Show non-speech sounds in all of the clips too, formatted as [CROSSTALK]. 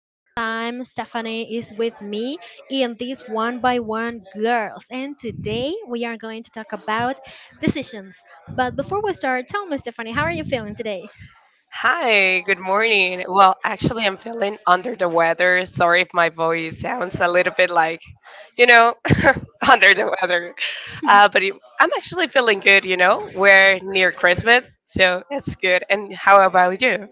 This time, Stephanie is with me in this one by one girls. And today we are going to talk about decisions. But before we start, tell me, Stephanie, how are you feeling today? Hi, good morning. Well, actually, I'm feeling under the weather. Sorry if my voice sounds a little bit like, you know, [LAUGHS] under the weather. Uh, but it- I'm actually feeling good, We're near Christmas, so that's good. And how about you?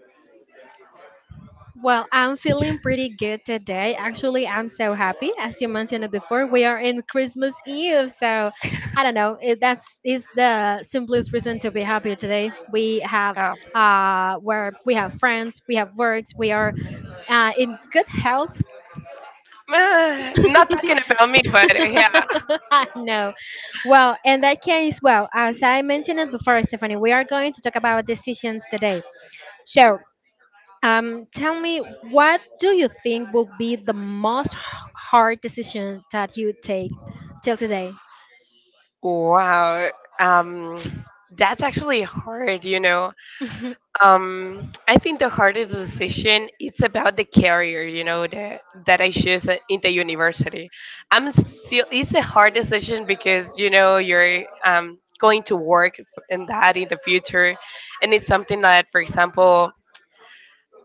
Well, I'm feeling pretty good today. Actually, I'm so happy. As you mentioned it before, we are in Christmas Eve. So I don't know. That's is the simplest reason to be happy today. We have Uh, where we have friends, we have works, we are in good health? [SIGHS] Not talking about me, but yeah. [LAUGHS] [LAUGHS] I know. Well, in that case, well, as I mentioned it before, Stephanie, we are going to talk about decisions today. So, tell me, what do you think will be the most hard decision that you take till today? Wow. Um, that's actually hard, [LAUGHS] Mhm. I think the hardest decision it's about the career, you know, that I choose in the university. I'm still It's a hard decision because you know you're going to work in that in the future, and it's something that, for example,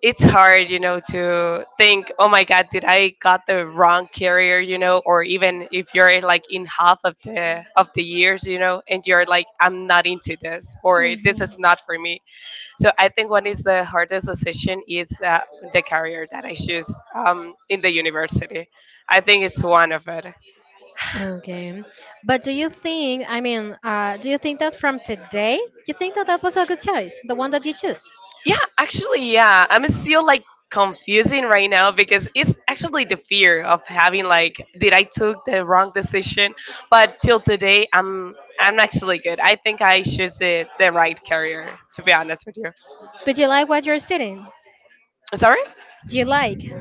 it's hard, you know, to think, oh my God, did I got the wrong career, you know, or even if you're like in half of the years, you know, and you're like, I'm not into this, or this is not for me. So I think one is the hardest decision is the career that I choose in the university. I think it's one of it. Okay, but do you think? Do you think that from today, you think that that was a good choice, the one that you choose? Yeah, actually, yeah. I'm still like confusing right now because it's actually the fear of having like, did I took the wrong decision? But till today, I'm actually good. I think I choose the right career, to be honest with you. But do you like what you're studying? Sorry. Do you like?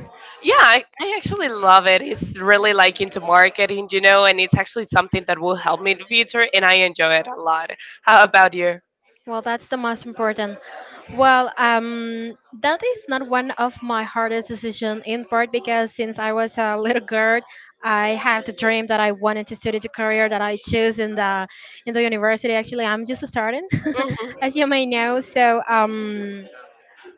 Yeah, I actually love it. It's really like into marketing, you know, and it's actually something that will help me in the future, and I enjoy it a lot. How about you? Well, that's the most important. Well, um, that is not one of my hardest decisions, in part because since I was a little girl, I had the dream that I wanted to study the career that I choose in the university. Actually, I'm just starting, Hmm. [LAUGHS] as you may know.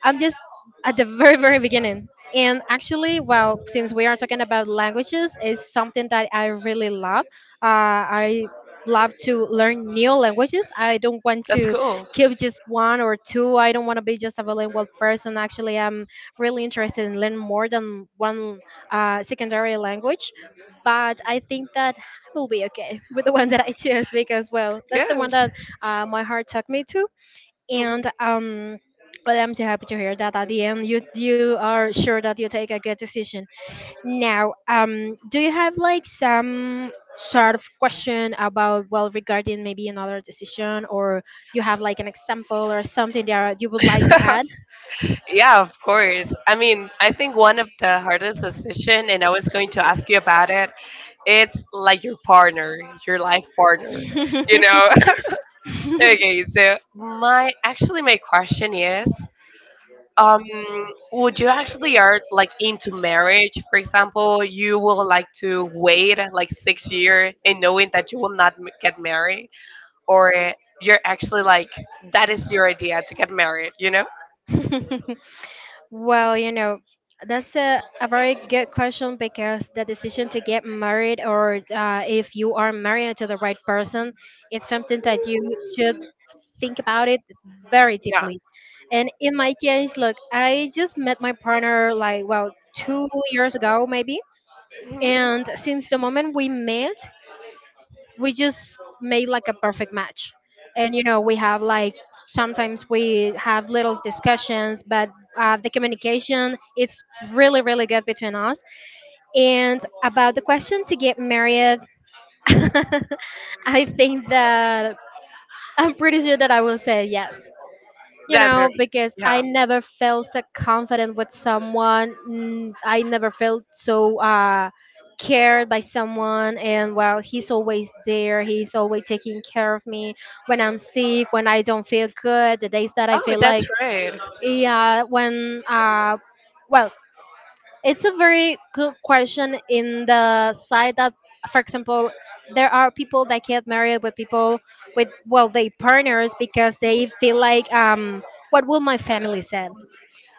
I'm just at the very, very beginning. And actually, well, since we are talking about languages, it's something that I really love. Uh, I love to learn new languages. I don't want That's to cool. keep just one or two. I don't want to be just a bilingual person. Actually, I'm really interested in learning more than one secondary language. But I think that I will be okay [LAUGHS] with the one that I choose because, well, that's the one Good. that my heart took me to. And well, I'm so happy to hear that at the end you are sure that you take a good decision. Now do you have like some sort of question about, well, regarding maybe another decision, or you have like an example or something that you would like to Mhm. add? [LAUGHS] Yeah, of course. I mean, I think one of the hardest decision, and I was going to ask you about it, it's like your partner, your life partner, you know? [LAUGHS] Okay, so [LAUGHS] my, actually my question is, um, would you actually are like into marriage, for example, you will like to wait like 6 year and knowing that you will not get married, or you're actually like, that is your idea to get married, you know? Well, you know, that's a very good question because the decision to get married, or if you are married to the right person, it's something that you should think about it very Yeah. deeply. And in my case, look, I just met my partner like, well, 2 years ago, maybe. Hmm. And since the moment we met, we just made like a perfect match. And, you know, we have like, sometimes we have little discussions, but the communication, it's really, really good between us. And about the question to get married, [LAUGHS] I think that I'm pretty sure that I will say yes. You That's know, right. because I Yeah. never felt so confident with someone. I never felt so cared by someone. And well, he's always there. He's always taking care of me when I'm sick, when I don't feel good, the days that I Oh, feel that's like, right. yeah, well, it's a very good question in the side that, for example, there are people that get married with people with, well, they partners because they feel like, what will my family said?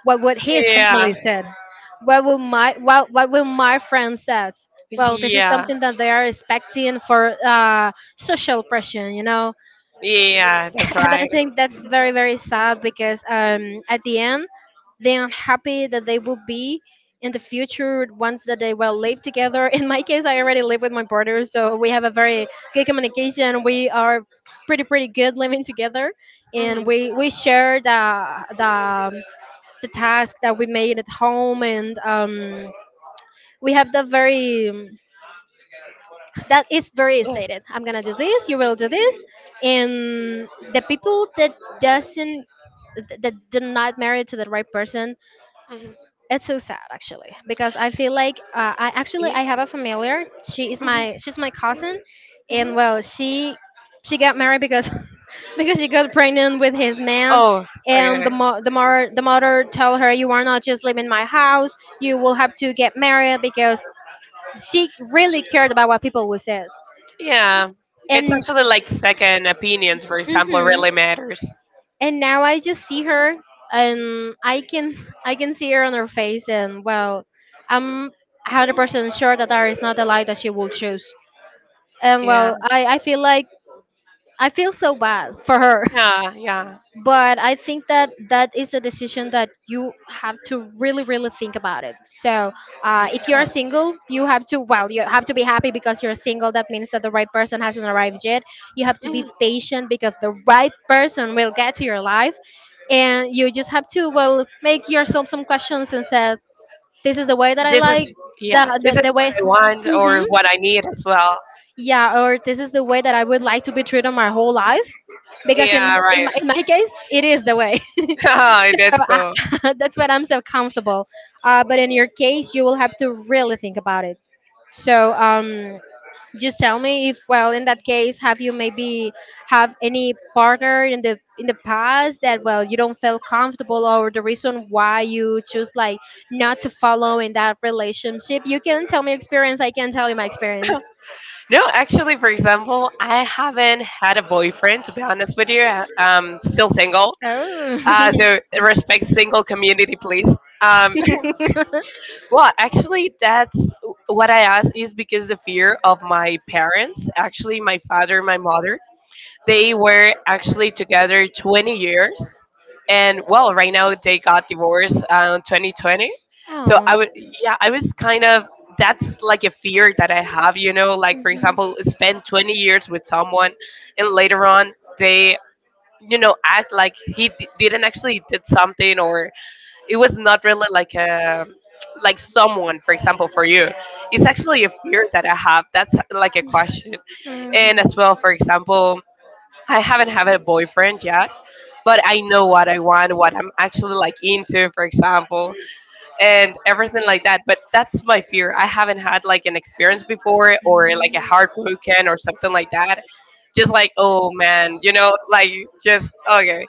What would his Yeah. family said? What will my what will my friends said? Well, this is Yeah. something that they are expecting for social pressure, you know. Yeah. That's [LAUGHS] And I right. think that's very, very sad because at the end they are happy that they will be in the future once that they will live together. [LAUGHS] In my case, I already live with my partner, so we have a very good communication. We are pretty pretty good living together, Hmm. and we share the Yeah. the the task that we made at home, and we have the very, that is very stated. I'm gonna do this. You will do this. And the people that doesn't that did not marry to the right person, Mhm. it's so sad actually because I feel like, I actually, Yeah. I have a familiar. She is my, she's my cousin. And well, she got married because [LAUGHS] because she got pregnant with his man, Oh, and the, okay. mo- the mother the mother told her, you are not just leaving my house, you will have to get married because she really cared about what people would say. Yeah. It's And actually like second opinions, for example, Mhm. really matters. And now I just see her, and I can, I can see her on her face, and well, I'm 100% sure that there is not a life that she will choose. And Yeah. well, I feel like I feel so bad for her. Yeah, yeah, But I think that that is a decision that you have to really, really think about it. So if you're yeah. single, you have to, well, you have to be happy because you're single. That means that the right person hasn't arrived yet. You have to be Mm. patient because the right person will get to your life. And you just have to, well, make yourself some questions and say, this is the way that I This like, is, the, yeah, this the, is the what way. I want Hmm. or what I need as well. Yeah, or this is the way that I would like to be treated my whole life. Because in, Yeah, in, my, in my case, it is the way. right. [LAUGHS] So That's cool. I, [LAUGHS] that's what, I'm so comfortable. But in your case, you will have to really think about it. So um, just tell me if, well, in that case, have you maybe have any partner in the past that, well, you don't feel comfortable, or the reason why you choose like not to follow in that relationship? You can tell me experience. I can tell you my experience. No, actually, for example, I haven't had a boyfriend, to be honest with you. I'm still single. Uh, Oh. so respect single community, please. Um, [LAUGHS] well, actually, that's what I asked is because the fear of my parents. Actually, my father, my mother. They were actually together 20 years, and well, right now they got divorced in 2020. [LAUGHS] So I Oh. would, yeah, I was kind of, that's like a fear that I have, you know, like for Mhm. example, spend 20 years with someone, and later on they, you know, act like he didn't actually did something or it was not really like a, like someone for example for you. It's actually a fear that I have. That's like a question. And Mhm. as well, for example, I haven't had a boyfriend yet, but I know what I want, what I'm actually like into, for example, and everything like that. But that's my fear. I haven't had like an experience before or like a heartbroken or something like that. Just like, oh man, you know, like just okay.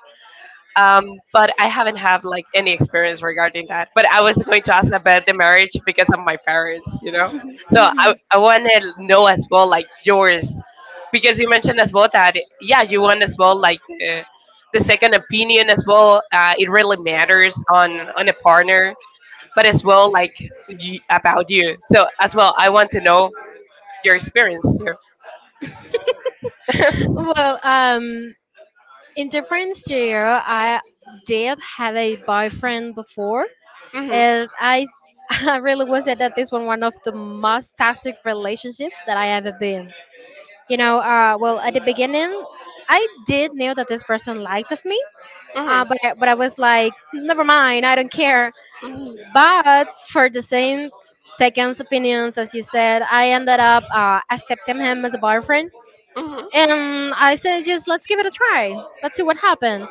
um, but I haven't have like any experience regarding that. But I was going to ask about the marriage because of my parents, you know. So I want to know as well like yours, because you mentioned as well that yeah you want as well like the second opinion as well. It really matters on a partner, but as well like about you. So as well I want to know your experience here. [LAUGHS] Well, um, in difference to you, I did have a boyfriend before, Hmm. and I, [LAUGHS] I really would say that this one, one of the most toxic relationship that I ever been. You know, well, at the beginning, I did knew that this person liked of me. Mhm. But I was like, never mind, I don't care. Mhm. But for the same second's opinions, as you said, I ended up accepting him as a boyfriend, Mhm. and I said, just let's give it a try, let's see what happened.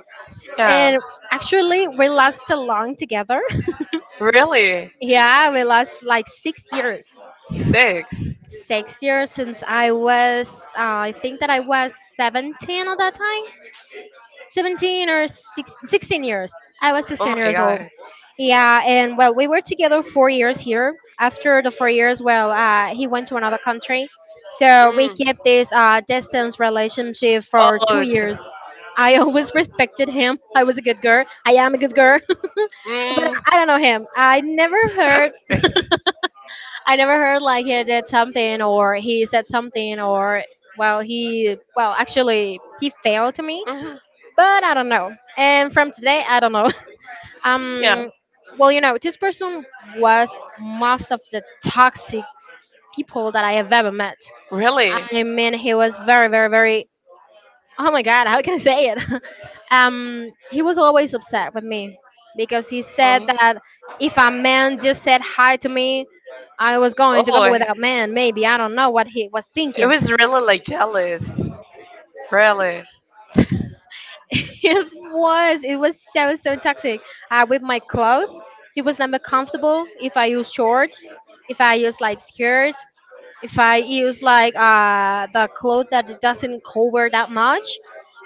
Yeah. And actually, we lasted long together. [LAUGHS] Really? Yeah, we last like 6 years. Six. 6 years since I was, uh, I think that I was 17 at that time. 17 or six, 16 years. I was Oh 16 my years old. god. Yeah, and well, we were together 4 years here. After the 4 years, well, he went to another country. So we Mm. kept this distance relationship for two Oh. Years. I [LAUGHS] always respected him. I was a good girl. I am a good girl. [LAUGHS] But Mm. I don't know him. I never heard. [LAUGHS] I never heard like he did something or he said something or, well he, well actually he failed to me. Hmm. But I don't know. And from today, I don't know. [LAUGHS] Yeah. Um, well, you know, this person was most of the toxic people that I have ever met. Really? I mean, he was very, very, very. Oh my God, how can I say it? [LAUGHS] He was always upset with me because he said uh that if a man just said hi to me, I was going to go Oh, it without man. Maybe I don't know what he was it thinking. was really like jealous. Really. [LAUGHS] It was. It was so so toxic. With my clothes, it was not comfortable. If I use shorts, if I use like skirt, if I use like the clothes that it doesn't cover that much,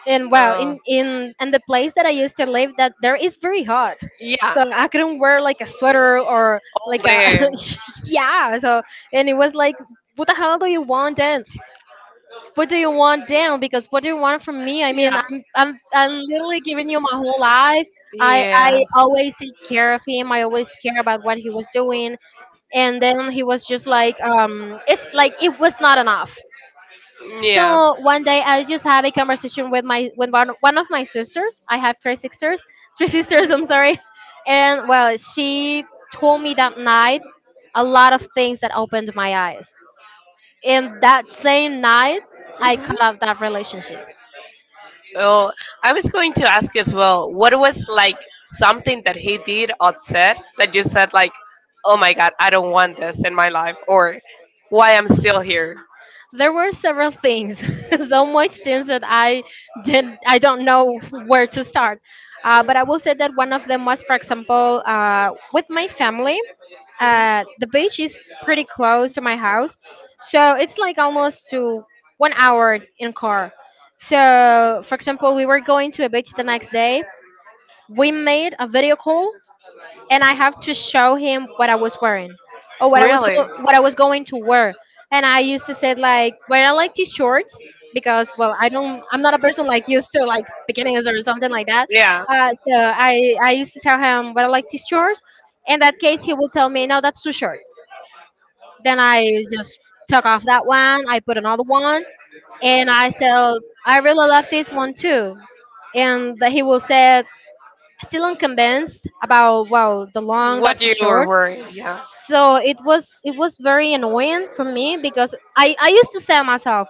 and well, Oh, in and the place that I used to live, that there is very hot. yeah, So I couldn't wear like a sweater or like a then. [LAUGHS] yeah. So and it was like, what the hell do you want then? What do you want down? Because what do you want from me? I mean, Yeah. I'm literally giving you my whole life. I Yes. always take care of him. I always care about what he was doing. And then he was just like, it's like it was not enough. Yeah. So one day I just had a conversation with my, with one of my sisters. I have 3 sisters, [LAUGHS] 3 sisters. I'm sorry. And well, she told me that night a lot of things that opened my eyes. And that same night, I Mhm. cut off that relationship. Oh, I was going to ask you as well. What was like something that he did or said that you said like, "Oh my God, I don't want this in my life," or "Why I'm still here"? There were several things, [LAUGHS] so much things that I didn't, I don't know where to start. But I will say that one of them was, for example, with my family. The beach is pretty close to my house, so it's like almost to 1 hour in car. So, for example, we were going to a beach the next day. We made a video call and I have to show him what I was wearing or Really? What I was going to wear. And I used to say like, well, I like these shorts because well, I'm not a person like used to like bikinis or something like that. Yeah. So I used to tell him, well, I like these shorts. In that case, he would tell me, no, that's too short. Then I just took off that one. I put another one, and I said, I really love this one too. And that he will say, still unconvinced about well the long of What the you were short. wearing? Yeah. So it was very annoying for me because I used to say to myself,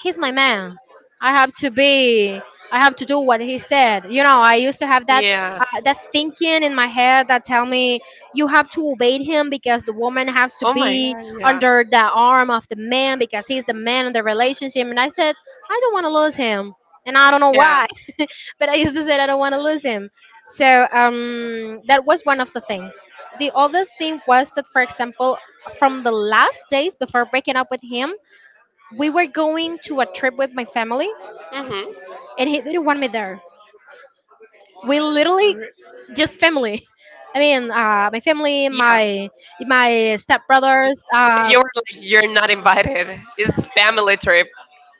he's my man. I have to be. I have to do what he said. You know, I used to have that, Yeah. that thinking in my head that tell me you have to obey him because the woman has to Oh my be god, yeah. under the arm of the man because he's the man in the relationship. And I said I don't want to lose him, and I don't know Yeah. why, [LAUGHS] but I used to say I don't want to lose him. So, that was one of the things. The other thing was that, for example, from the last days before breaking up with him, we were going to a trip with my family, Mhm. and he didn't want me there. We literally, Re- just family I mean, My family, Yeah. my stepbrothers, You're like, you're not invited. It's family trip.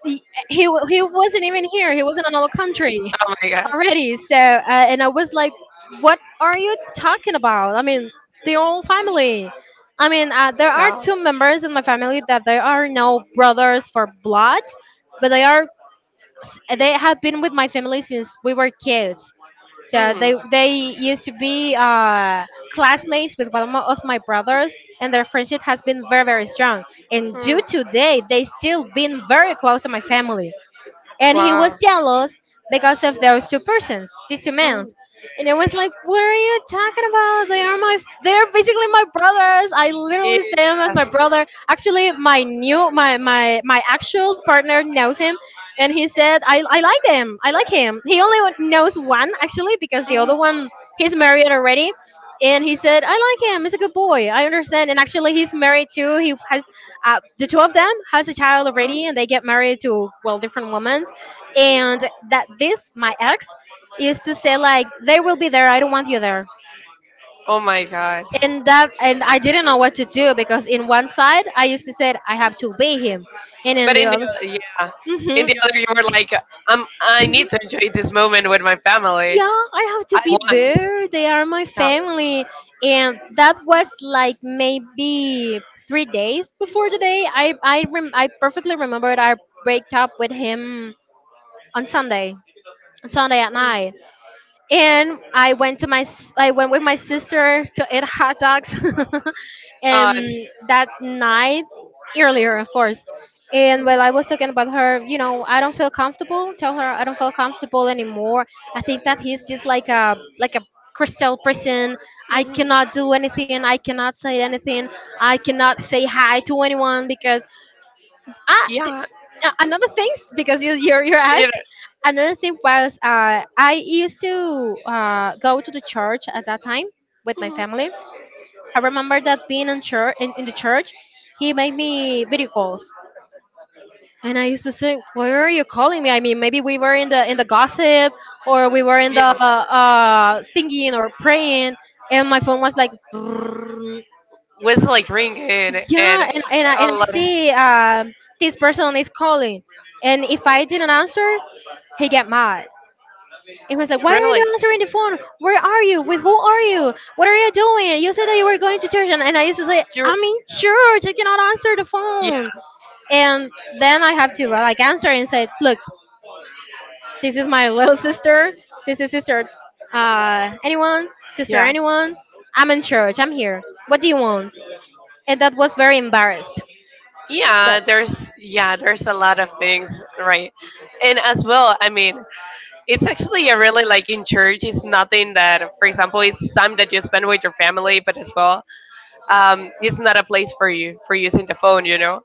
he, he wasn't even here. He was in another country Oh my god. already. So, and I was like, what are you talking about? I mean, the whole family. I mean, there are Yeah. two members in my family that they are no brothers for blood, but they have been with my family since we were kids. So Mhm. they used to be classmates with of my brothers, and their friendship has been very very strong. And due Hmm. to today, they still been very close to my family. And he Wow. was jealous because of those two persons, these two men. Mm. And I was like, "What are you talking about? They are basically my brothers. I Yes. literally see him as my brother. Actually, my new, my actual partner knows him, and he said, I like them. I like him. He only knows one actually because the Mhm. other one he's married already." And he said, "I like him. He's a good boy. I understand." And actually, he's married too. He has the two of them has a child already, and they Mhm. get married to well different women. And that, this my ex used to say like they will be there, I don't want you there. Oh my god. And, And I didn't know what to do because in one side I used to say I have to obey him, and in but the in the, other, yeah, in hmm the other, you were like, I'm, I need mhm. to enjoy this moment with my family. Yeah, I have to I be want. there, they are my Yeah. family. And that was like maybe 3 days before the day, I perfectly remembered I break up with him on Sunday, on Sunday at night. And I went I went with my sister to eat hot dogs, [LAUGHS] Uh, and that night, earlier, of course. And while I was talking about her, I don't feel comfortable. Tell her I don't feel comfortable anymore. I think that he's just like a crystal prison. I cannot do anything. I cannot say anything. I cannot say hi to anyone because ah, th- yeah. Another thing, because you're You asked. Another thing was, I used to go to the church at that time with my family. I remember that being in church, in the church, he made me video calls. And I used to say, "Why are you calling me?" I mean, maybe we were in the gossip, or we were in know, the, yeah. Singing or praying, and my phone was like, [LAUGHS] Was like ringing and yeah. And I, a and I lot. Of, see, this person is calling, and if I didn't answer, he get mad. He was like, "Why are you really? not answering the phone? Where are you? With who are you? What are you doing? You said that you were going to church." And I used to say, You're, "I'm in church. I cannot answer the yeah. phone." And then I have to, like, answer and say, "Look, this is my [LAUGHS] little sister. This is sister. Anyone? Sister, Yeah. anyone? I'm in church. I'm here. What do you want?" And that was very embarrassed. Yeah, That. there's, yeah, there's a lot of things, right? And as well, I mean, it's actually a really like in church. It's For. nothing that, for example, it's time that you spend with your family, but as well, it's not a place for you for using the phone, you know.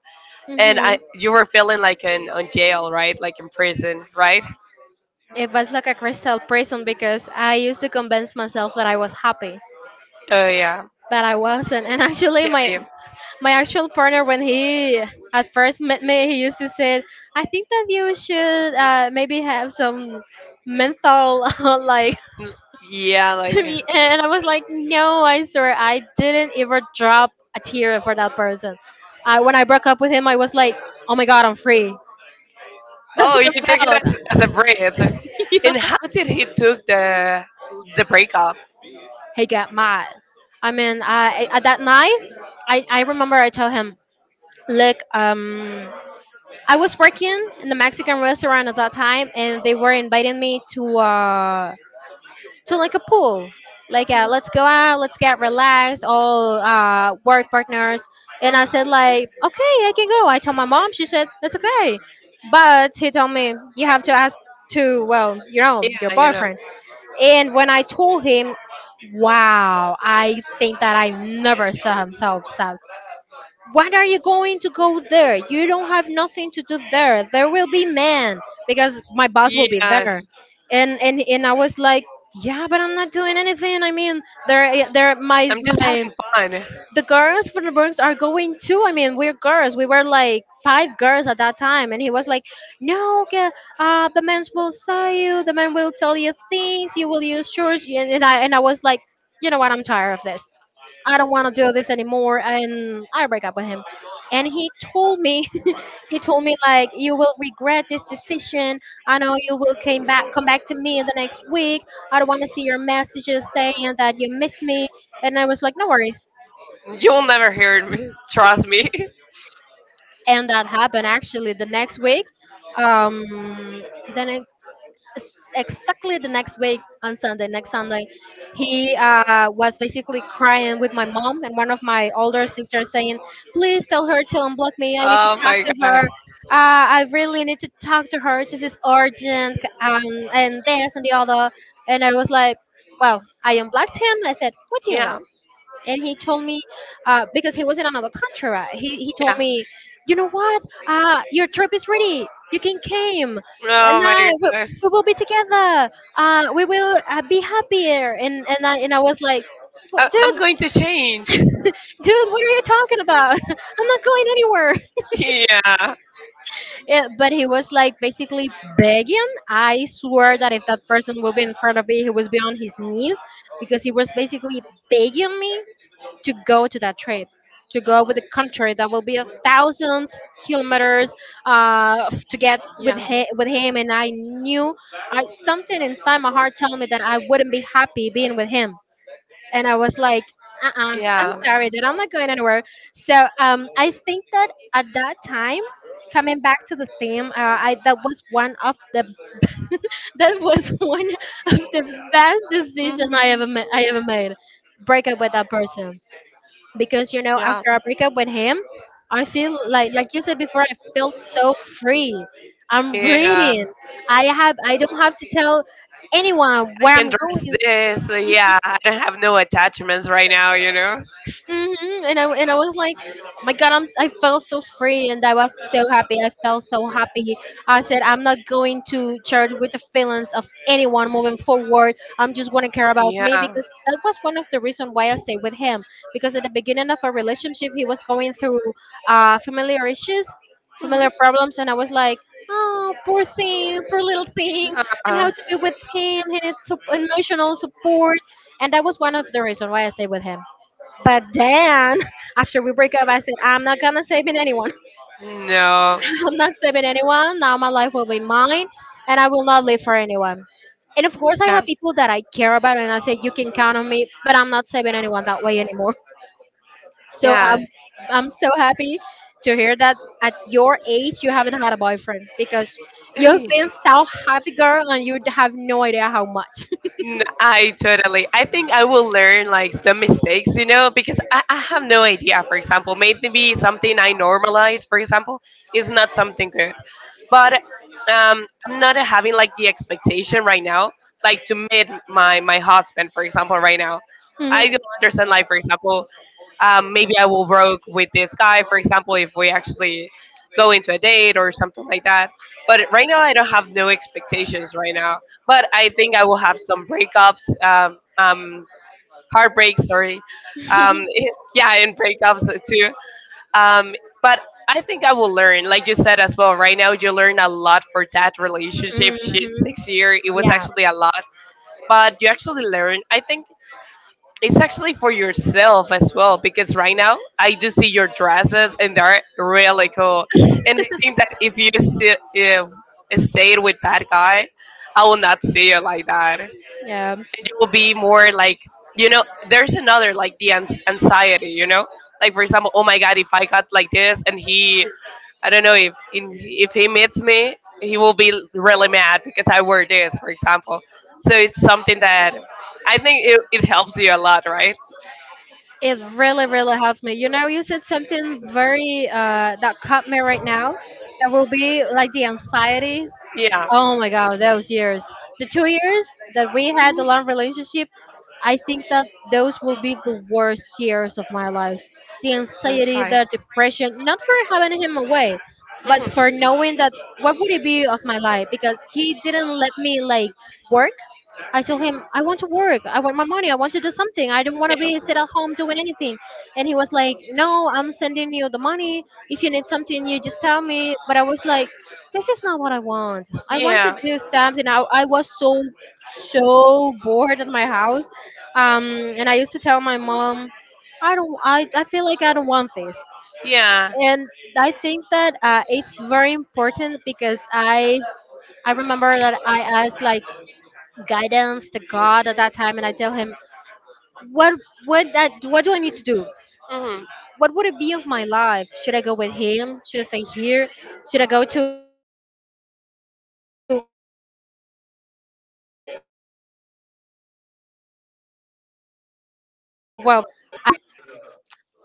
And I, It's. you Hmm. were feeling like in on jail, right? Like in prison, right? It was like a crystal prison because I used to convince myself that I was happy, Oh yeah, but I wasn't. And actually, my yeah, my actual partner, when he at first met me, he used to say, "I think that you should, maybe have some mental, [LAUGHS] like..." yeah, [LAUGHS] like. Sorry, and I was like, no, I swear, I didn't ever drop a tear for that person. I when I broke up with him, I was like, oh my god, I'm free. [LAUGHS] That's Oh, what you took I it as felt. a breath. [LAUGHS] yeah. And how did he took the breakup? He got mad. I mean, I at that night, I remember I told him, look, I was working in the Mexican restaurant at that time, and they were inviting me to, uh, to like a pool. Like, yeah, let's go out, let's get relaxed, all, work partners. And I said, Mm. like, okay, I can go. I told my mom, she said, that's okay. But he told me, you have to ask to, well, your Yeah, you know. boyfriend. And when I told him, wow, I think that I never saw him so upset. What are you going to go there? You don't have nothing to do there. There will be men because my boss will be Yeah, there. And I was like, yeah, but I'm not doing anything. I mean, there my I'm just my having fun. the girls from the Bronx are going too. I mean, we're girls. We were like five girls at that time, and he was like, "No, okay, the men will sell you. The men will tell you things. You will use shorts." And I was like, "You know what? I'm tired of this. I don't want to do this anymore." And I break up with him. And he told me, [LAUGHS] he told me like, you will regret this decision. I know you will come back to me in the next week. I don't want to see your messages saying that you miss me. And I was like, no worries. You'll never hear me. [LAUGHS] Trust me. And that happened actually the next week. Um, then I, s- exactly the next week on Sunday, next Sunday, he, was basically crying with my mom and one of my older sisters saying, please tell her to unblock me. I need to Oh talk my to her. god. I really need to talk to her. This is urgent, and this and the other. And I was like, well, I unblocked him. I said, what do you want? Yeah, And he told me, because he was in another country, right? He told yeah. me, you know what, your trip is ready, you can come and Oh my god. we will be together, we will, be happier, and I was like, "Wha- dude I'm going to change. dude, what are you talking about? [LAUGHS] I'm not going anywhere." [LAUGHS] [LAUGHS] yeah, but he was like basically begging. I swear that if that person will be in front of me, he was be on his knees because he was basically begging me to go to that trip, to go with the country that will be a thousands kilometers, to Yeah. get with Yeah. him, And I knew, something inside my heart told me that I wouldn't be happy being with him. And I was like, uh-uh, I'm sorry, dude, I'm not going anywhere. So, I think that at that time, coming back to the theme, I that was one of the, [LAUGHS] that was one of the best decision I ever made. Break up with that person because, you know, after I break up with him, I feel, like you said before, I felt so free. I'm, yeah, Yeah. breathing. I don't have to tell anyone I where I'm can dress going. this. Uh, yeah. I don't have no attachments right now, you know? And I was like, oh my God, I felt so free and I was so happy. I felt so happy. I said I'm not going to charge with the feelings of anyone moving forward. I'm just want to care about me Yeah. because that was one of the reason why I stayed with him because at the beginning of our relationship he was going through, familiar issues, familiar problems, and I was like. Oh, poor thing, poor little thing. And how Uh, to be with him? He needs emotional support, and that was one of the reasons why I stayed with him. But then [LAUGHS] after we break up, I said, I'm not gonna save in anyone. no. [LAUGHS] I'm not saving anyone. Now my life will be mine and I will not live for anyone. And of course, I have Yeah. people that I care about and I say, you can count on me, but I'm not saving anyone that way anymore. So Yeah. I'm, I'm so happy to hear that at your age, you haven't had a boyfriend because you've Hey. been so happy, girl, and you have no idea how much. I totally. I think I will learn like some mistakes, you know, because I have no idea. For example, maybe something I normalize, for example, is not something good. But I'm not having like the expectation right now, like to meet my my [LAUGHS] husband, for example, right now. I Mhm. do [LAUGHS] understand, like for example, maybe I will work with this guy, for example, if we actually go into a date or something like that. But right now, I don't have no expectations right now, but I think I will have some breakups, heartbreaks, sorry. Um, [LAUGHS] yeah, and breakups too. Um, but I think I will learn, like you said as well. Right now, you learn a lot for that relationship. Shit, Mhm. 6 year, it was Yeah. actually a lot, but you actually learn. I think it's actually for yourself as well because right now I do see your dresses and they're really cool. And I think that if you stayed with that guy, I will not see you like that. Yeah. You will be more like, you know, there's another like the anxiety, you know, like for example, oh my god, if I got like this and he, I don't know if if he meets me he will be really mad because I wear this, for example. So it's something that I think it, it helps you a lot, right? It really, really helps me. You know, you said something very that caught me right now. That will be like the anxiety. Yeah. Oh my god, those years. The 2 years that we had the Mhm. long relationship, I think that those will be the worst years of my life. The That's anxiety, fine. the depression, not for having him away, but for Mhm. knowing that what would it be of my life because he didn't let me like work. I told him I want to work. I want my money. I want to do something. I don't want to be sit at home doing anything. And he was like, "No, I'm sending you the money. If you need something, you just tell me." But I was like, this is not what I want. I want to Yeah. do something. I was so so bored at my house, um, and I used to tell my mom, I don't. I feel like I don't want this. Yeah. And I think that it's very important because I remember that I asked like guidance to God at that time, and I tell Him what what do I need to do? Hmm. What would it be of my life? Should I go with him? Should I stay here? Should I go to well the place that I am right now working? Yeah. Because that was an idea on my mind actually. I remember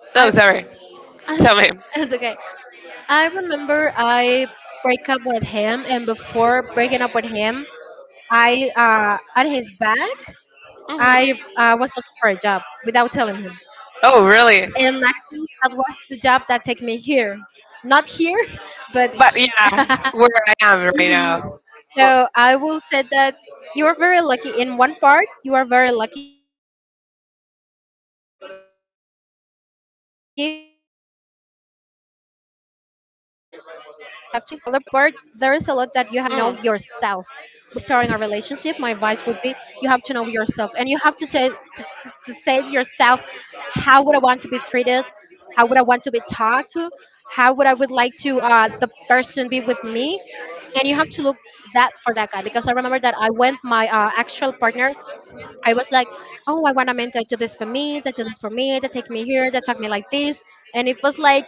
Oh, sorry. [LAUGHS] Tell me. it's okay. I remember I break up with him, and before breaking up with him, I at his back I Hmm. Was looking for a job without telling him, Oh, really? and actually that was the job that take me here, not here, [LAUGHS] but. But yeah, [LAUGHS] where I am right now. Well, So I will say that you are very lucky. In one part, you are very lucky because, well, you haven't suffered like that. mhm. But in the other part, there is a lot that you have to learn because you have to know yourself. Before starting Yes. a relationship, my advice will be you have to know yourself and you have to say to say to yourself, how would I want to be treated? How would I want to be talked to? How would I would like to, the person be with me? And you have to look that for that guy because I remember that I went my actual partner. I was like, oh, I want a man to do this for me, to do this for me, to take me here, to talk me like this, and it was like,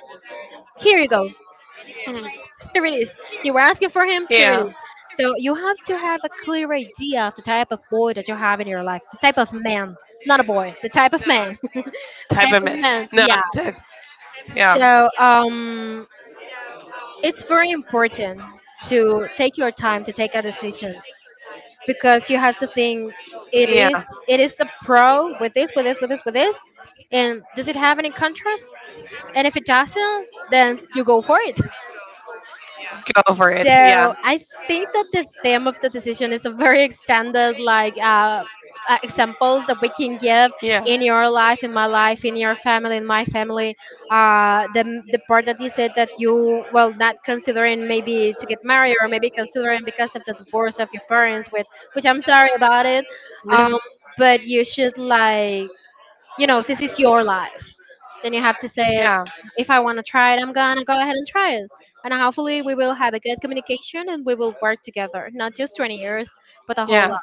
here you go, Mhm. Yeah. [LAUGHS] here it is. You were asking for him, here it is. So you have to have a clear idea of the type of boy that you have in your life, the type of man, not a Type of boy, mi- the type of no, man, [LAUGHS] type, the type of yeah, man, yeah. So it's very important to take your time to take a decision because yeah, you have to think it is, it is a pro with this and does it have any contrast, and if it doesn't then you go for it. go for it, yeah. So I think that the theme of the decision is a very extended, like examples that we can Yeah. [LAUGHS] give in your life, in my life, in your family, in my family. The part that you said that you well not considering maybe to get married or maybe considering because of the divorce of your parents, with which I'm sorry about it. Um, but you should like, you know, this is your life. Then you have to say it. Yeah, If I want to try it, I'm gonna go ahead and try it. And hopefully, we will have a good communication and we will work together. Not just 20 years, but a whole lot. yeah.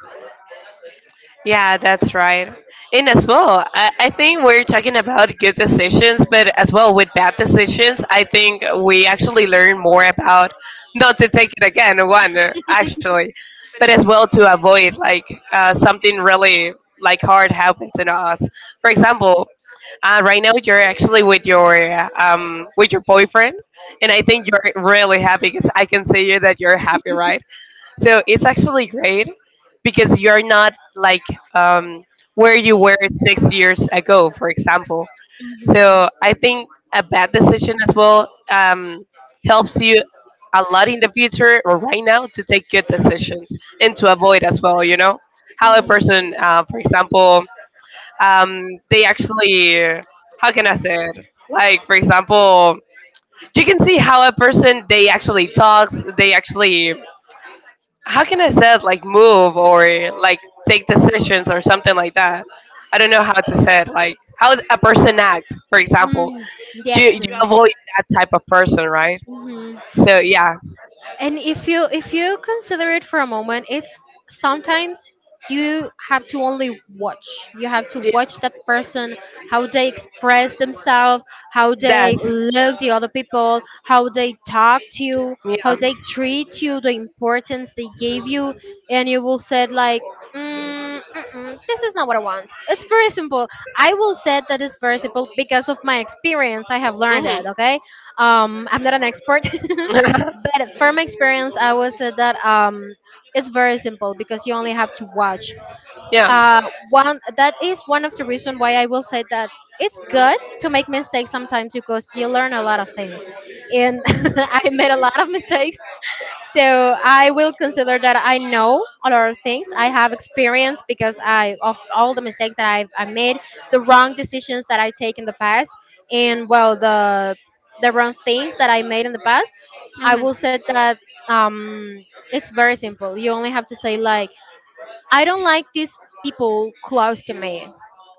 Yeah, that's right. And as well, I think we're talking about good decisions, but as well with bad decisions, I think we actually learn more about not to take it again, one, actually, but as well to avoid like something really like hard happen to us. For example, right now you're actually with your boyfriend, and I think you're really happy because I can see you that you're happy, right? So it's actually great because you're not like um, where you were 6 years ago, for example. Mhm. So I think a bad decision as well helps you a lot in the future or right now to take good decisions, and to avoid as well, you know, how a Mhm. person, for example, um, they actually, how can I say it? Like, for example, you can see how a person they actually talks, they actually, how can I say it, like move or like take decisions or something like that. I don't know how to say it, like how a person act, for example. Mm, the You action. avoid that type of person, right? Mhm. So yeah, And if you, if you consider it for a moment, it's sometimes you have to only watch, you have to y- watch that person, how they express themselves, how that they look the other people, how they talk to you, how they treat you, the importance they gave you, and you will say like, mm, mm-mm, this is not what I want. It's yeah. very simple. I will say that it's very simple because of my experience. I have learned Hmm. that, okay, I'm not an expert. [LAUGHS] But from experience, I would say that, it's very simple because you only have to watch. Uh, one that is one of the reasons why I will say that it's [LAUGHS] Yeah. good to make mistakes sometimes because you learn a lot of things, and Hmm. [LAUGHS] I made a lot of mistakes, so I will consider that I know a lot of things. I have experience because I of all the mistakes that I made, the wrong decisions that I take in the past, and well the wrong things that I made in the past. I will say that, um, it's very simple. You only have to say like, I don't like these people close to me.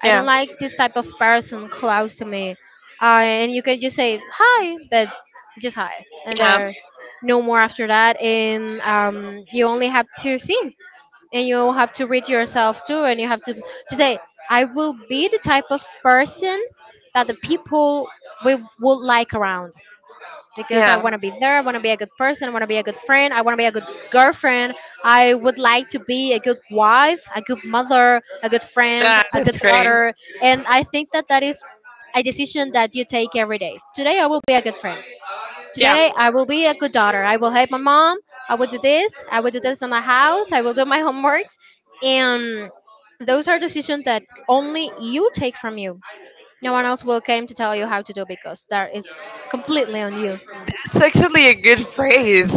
I don't Yeah, like this type of person close to me. And you can just say hi, but just hi, and yeah, there, no more after that. And you only have to see, and you have to read yourself too, and you have to say, I will be the type of person that the people we would like around because I want yeah. to be there. I want to be a good person. I want to be a good friend. I want to be a good girlfriend. I would like to be a good wife, a good mother, a good friend, That a good that's great. daughter. And I think that that is a decision that you take every day. Today, I will be a good friend. Yeah. Today, I will be a good daughter. I will help my mom. I will do this. I will do this in the house. I will do my [LAUGHS] homeworks. And those are decisions that only you take from you. No one else will come to tell you how to do, because that is completely on you. It's actually a good phrase.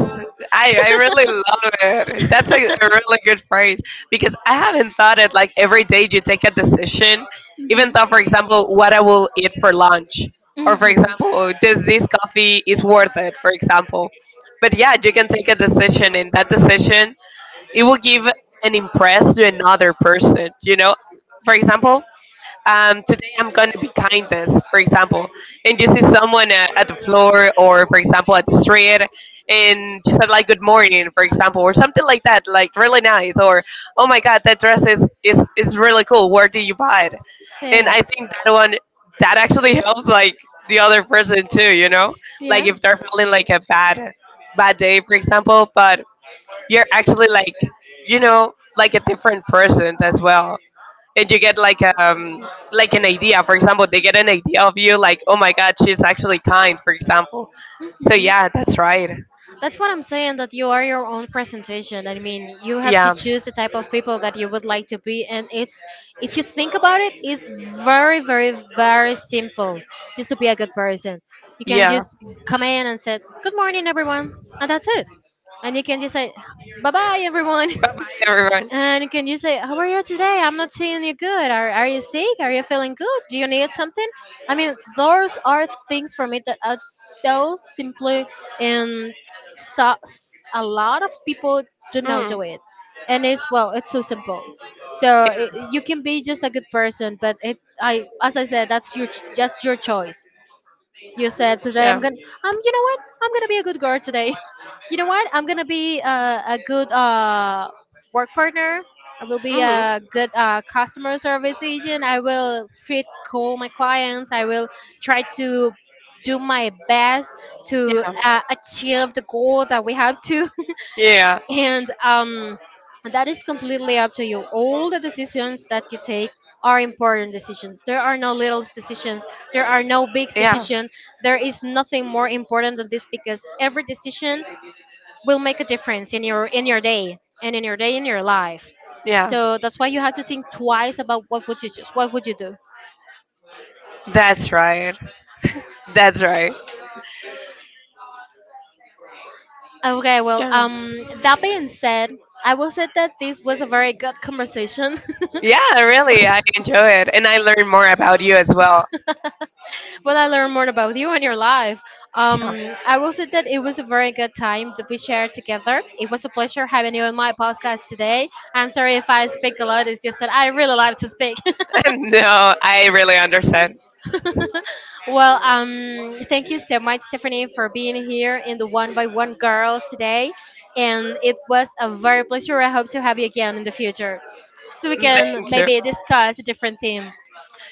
I really love it. That's a really good phrase because I haven't thought it like every day you take a decision, even though, for example, what I will eat for lunch, or for example, does this coffee is worth it, for example. But yeah, you can take a decision, and that decision it will give an impress to another person. You know, for example, today I'm going to be kindness, for example, and you see someone at the floor or, for example, at the street, and you said like good morning, for example, or something like that, like really nice, or oh my god, that dress is really cool. Where do you buy it? And I think that one that actually [LAUGHS] helps like the other person too, you know, like if they're feeling like a bad day, for example, but you're actually like, you know, like a different person as well, and you get like an idea. For example, they get an idea of you like, oh my god, she's actually kind. For example, so yeah, that's right. That's what I'm saying, that you are your own presentation. I mean, you have to Yeah, choose the type of people that you would like to be, and it's if you think about it, it's very, very, very simple just to be a good person. You can yeah. just come in and say, "Good morning everyone." And that's it. And you can just say, "Bye-bye everyone." But [LAUGHS] Everyone. And can you say, how are you today? I'm not seeing you good. Are you sick? Are you feeling good? Do you need something? I mean, those are things for me that are so simply and so, a lot of people do not Mm, do it. And it's, well, it's so simple. So it, you can be just a good person, but it, I, as I said, that's your, just your choice. You said today I'm yeah. gonna, um, you know what? I'm gonna be a good girl today. [LAUGHS] You know what? I'm gonna be a good work partner. I will be Hmm. a good, customer service agent. I will treat cool my clients. I will try to do my best to, Yeah. Achieve the goal that we have to. Yeah. And that is completely up to you. All the decisions that you take are important decisions. There are no little decisions. There are no big Yeah. decisions. There is nothing more important than this because every decision will make a difference in your day and in your day in your life. Yeah. So that's why you have to think twice about what would you choose. What would you do? That's right. That's right. Okay, well, Yeah. That being said, I will say that this was a very good conversation. [LAUGHS] Yeah, really, I enjoy it, and I learn more about you as well. Well, I learned more about you and your life. Yeah. I will say that it was a very good time that we shared together. It was a pleasure having you on my podcast today. I'm sorry if I speak a lot. It's just that I really like to speak. [LAUGHS] No, I really understand. [LAUGHS] Well, thank you so much, Stephanie, for being here in the One by One Girls today, and it was a very pleasure. I hope to have you again in the future, so Future we we can can thank you. maybe discuss a different theme.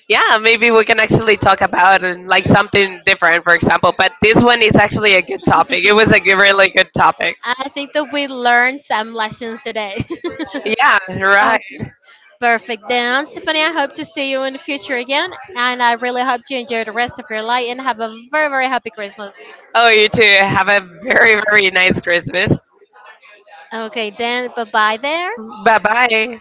Yeah, maybe we can actually talk about like something different, for example. But this one is actually a good topic. It was a really good topic. I think that we learned some lessons today. [LAUGHS] Yeah, right. Okay. Perfect. Then, Stephanie, I hope to see you in the future again. And I really hope you enjoy the rest of your life and have a very, very happy Christmas. Oh, you too. Have a very, very nice Christmas. Okay, then, bye bye there. Bye bye.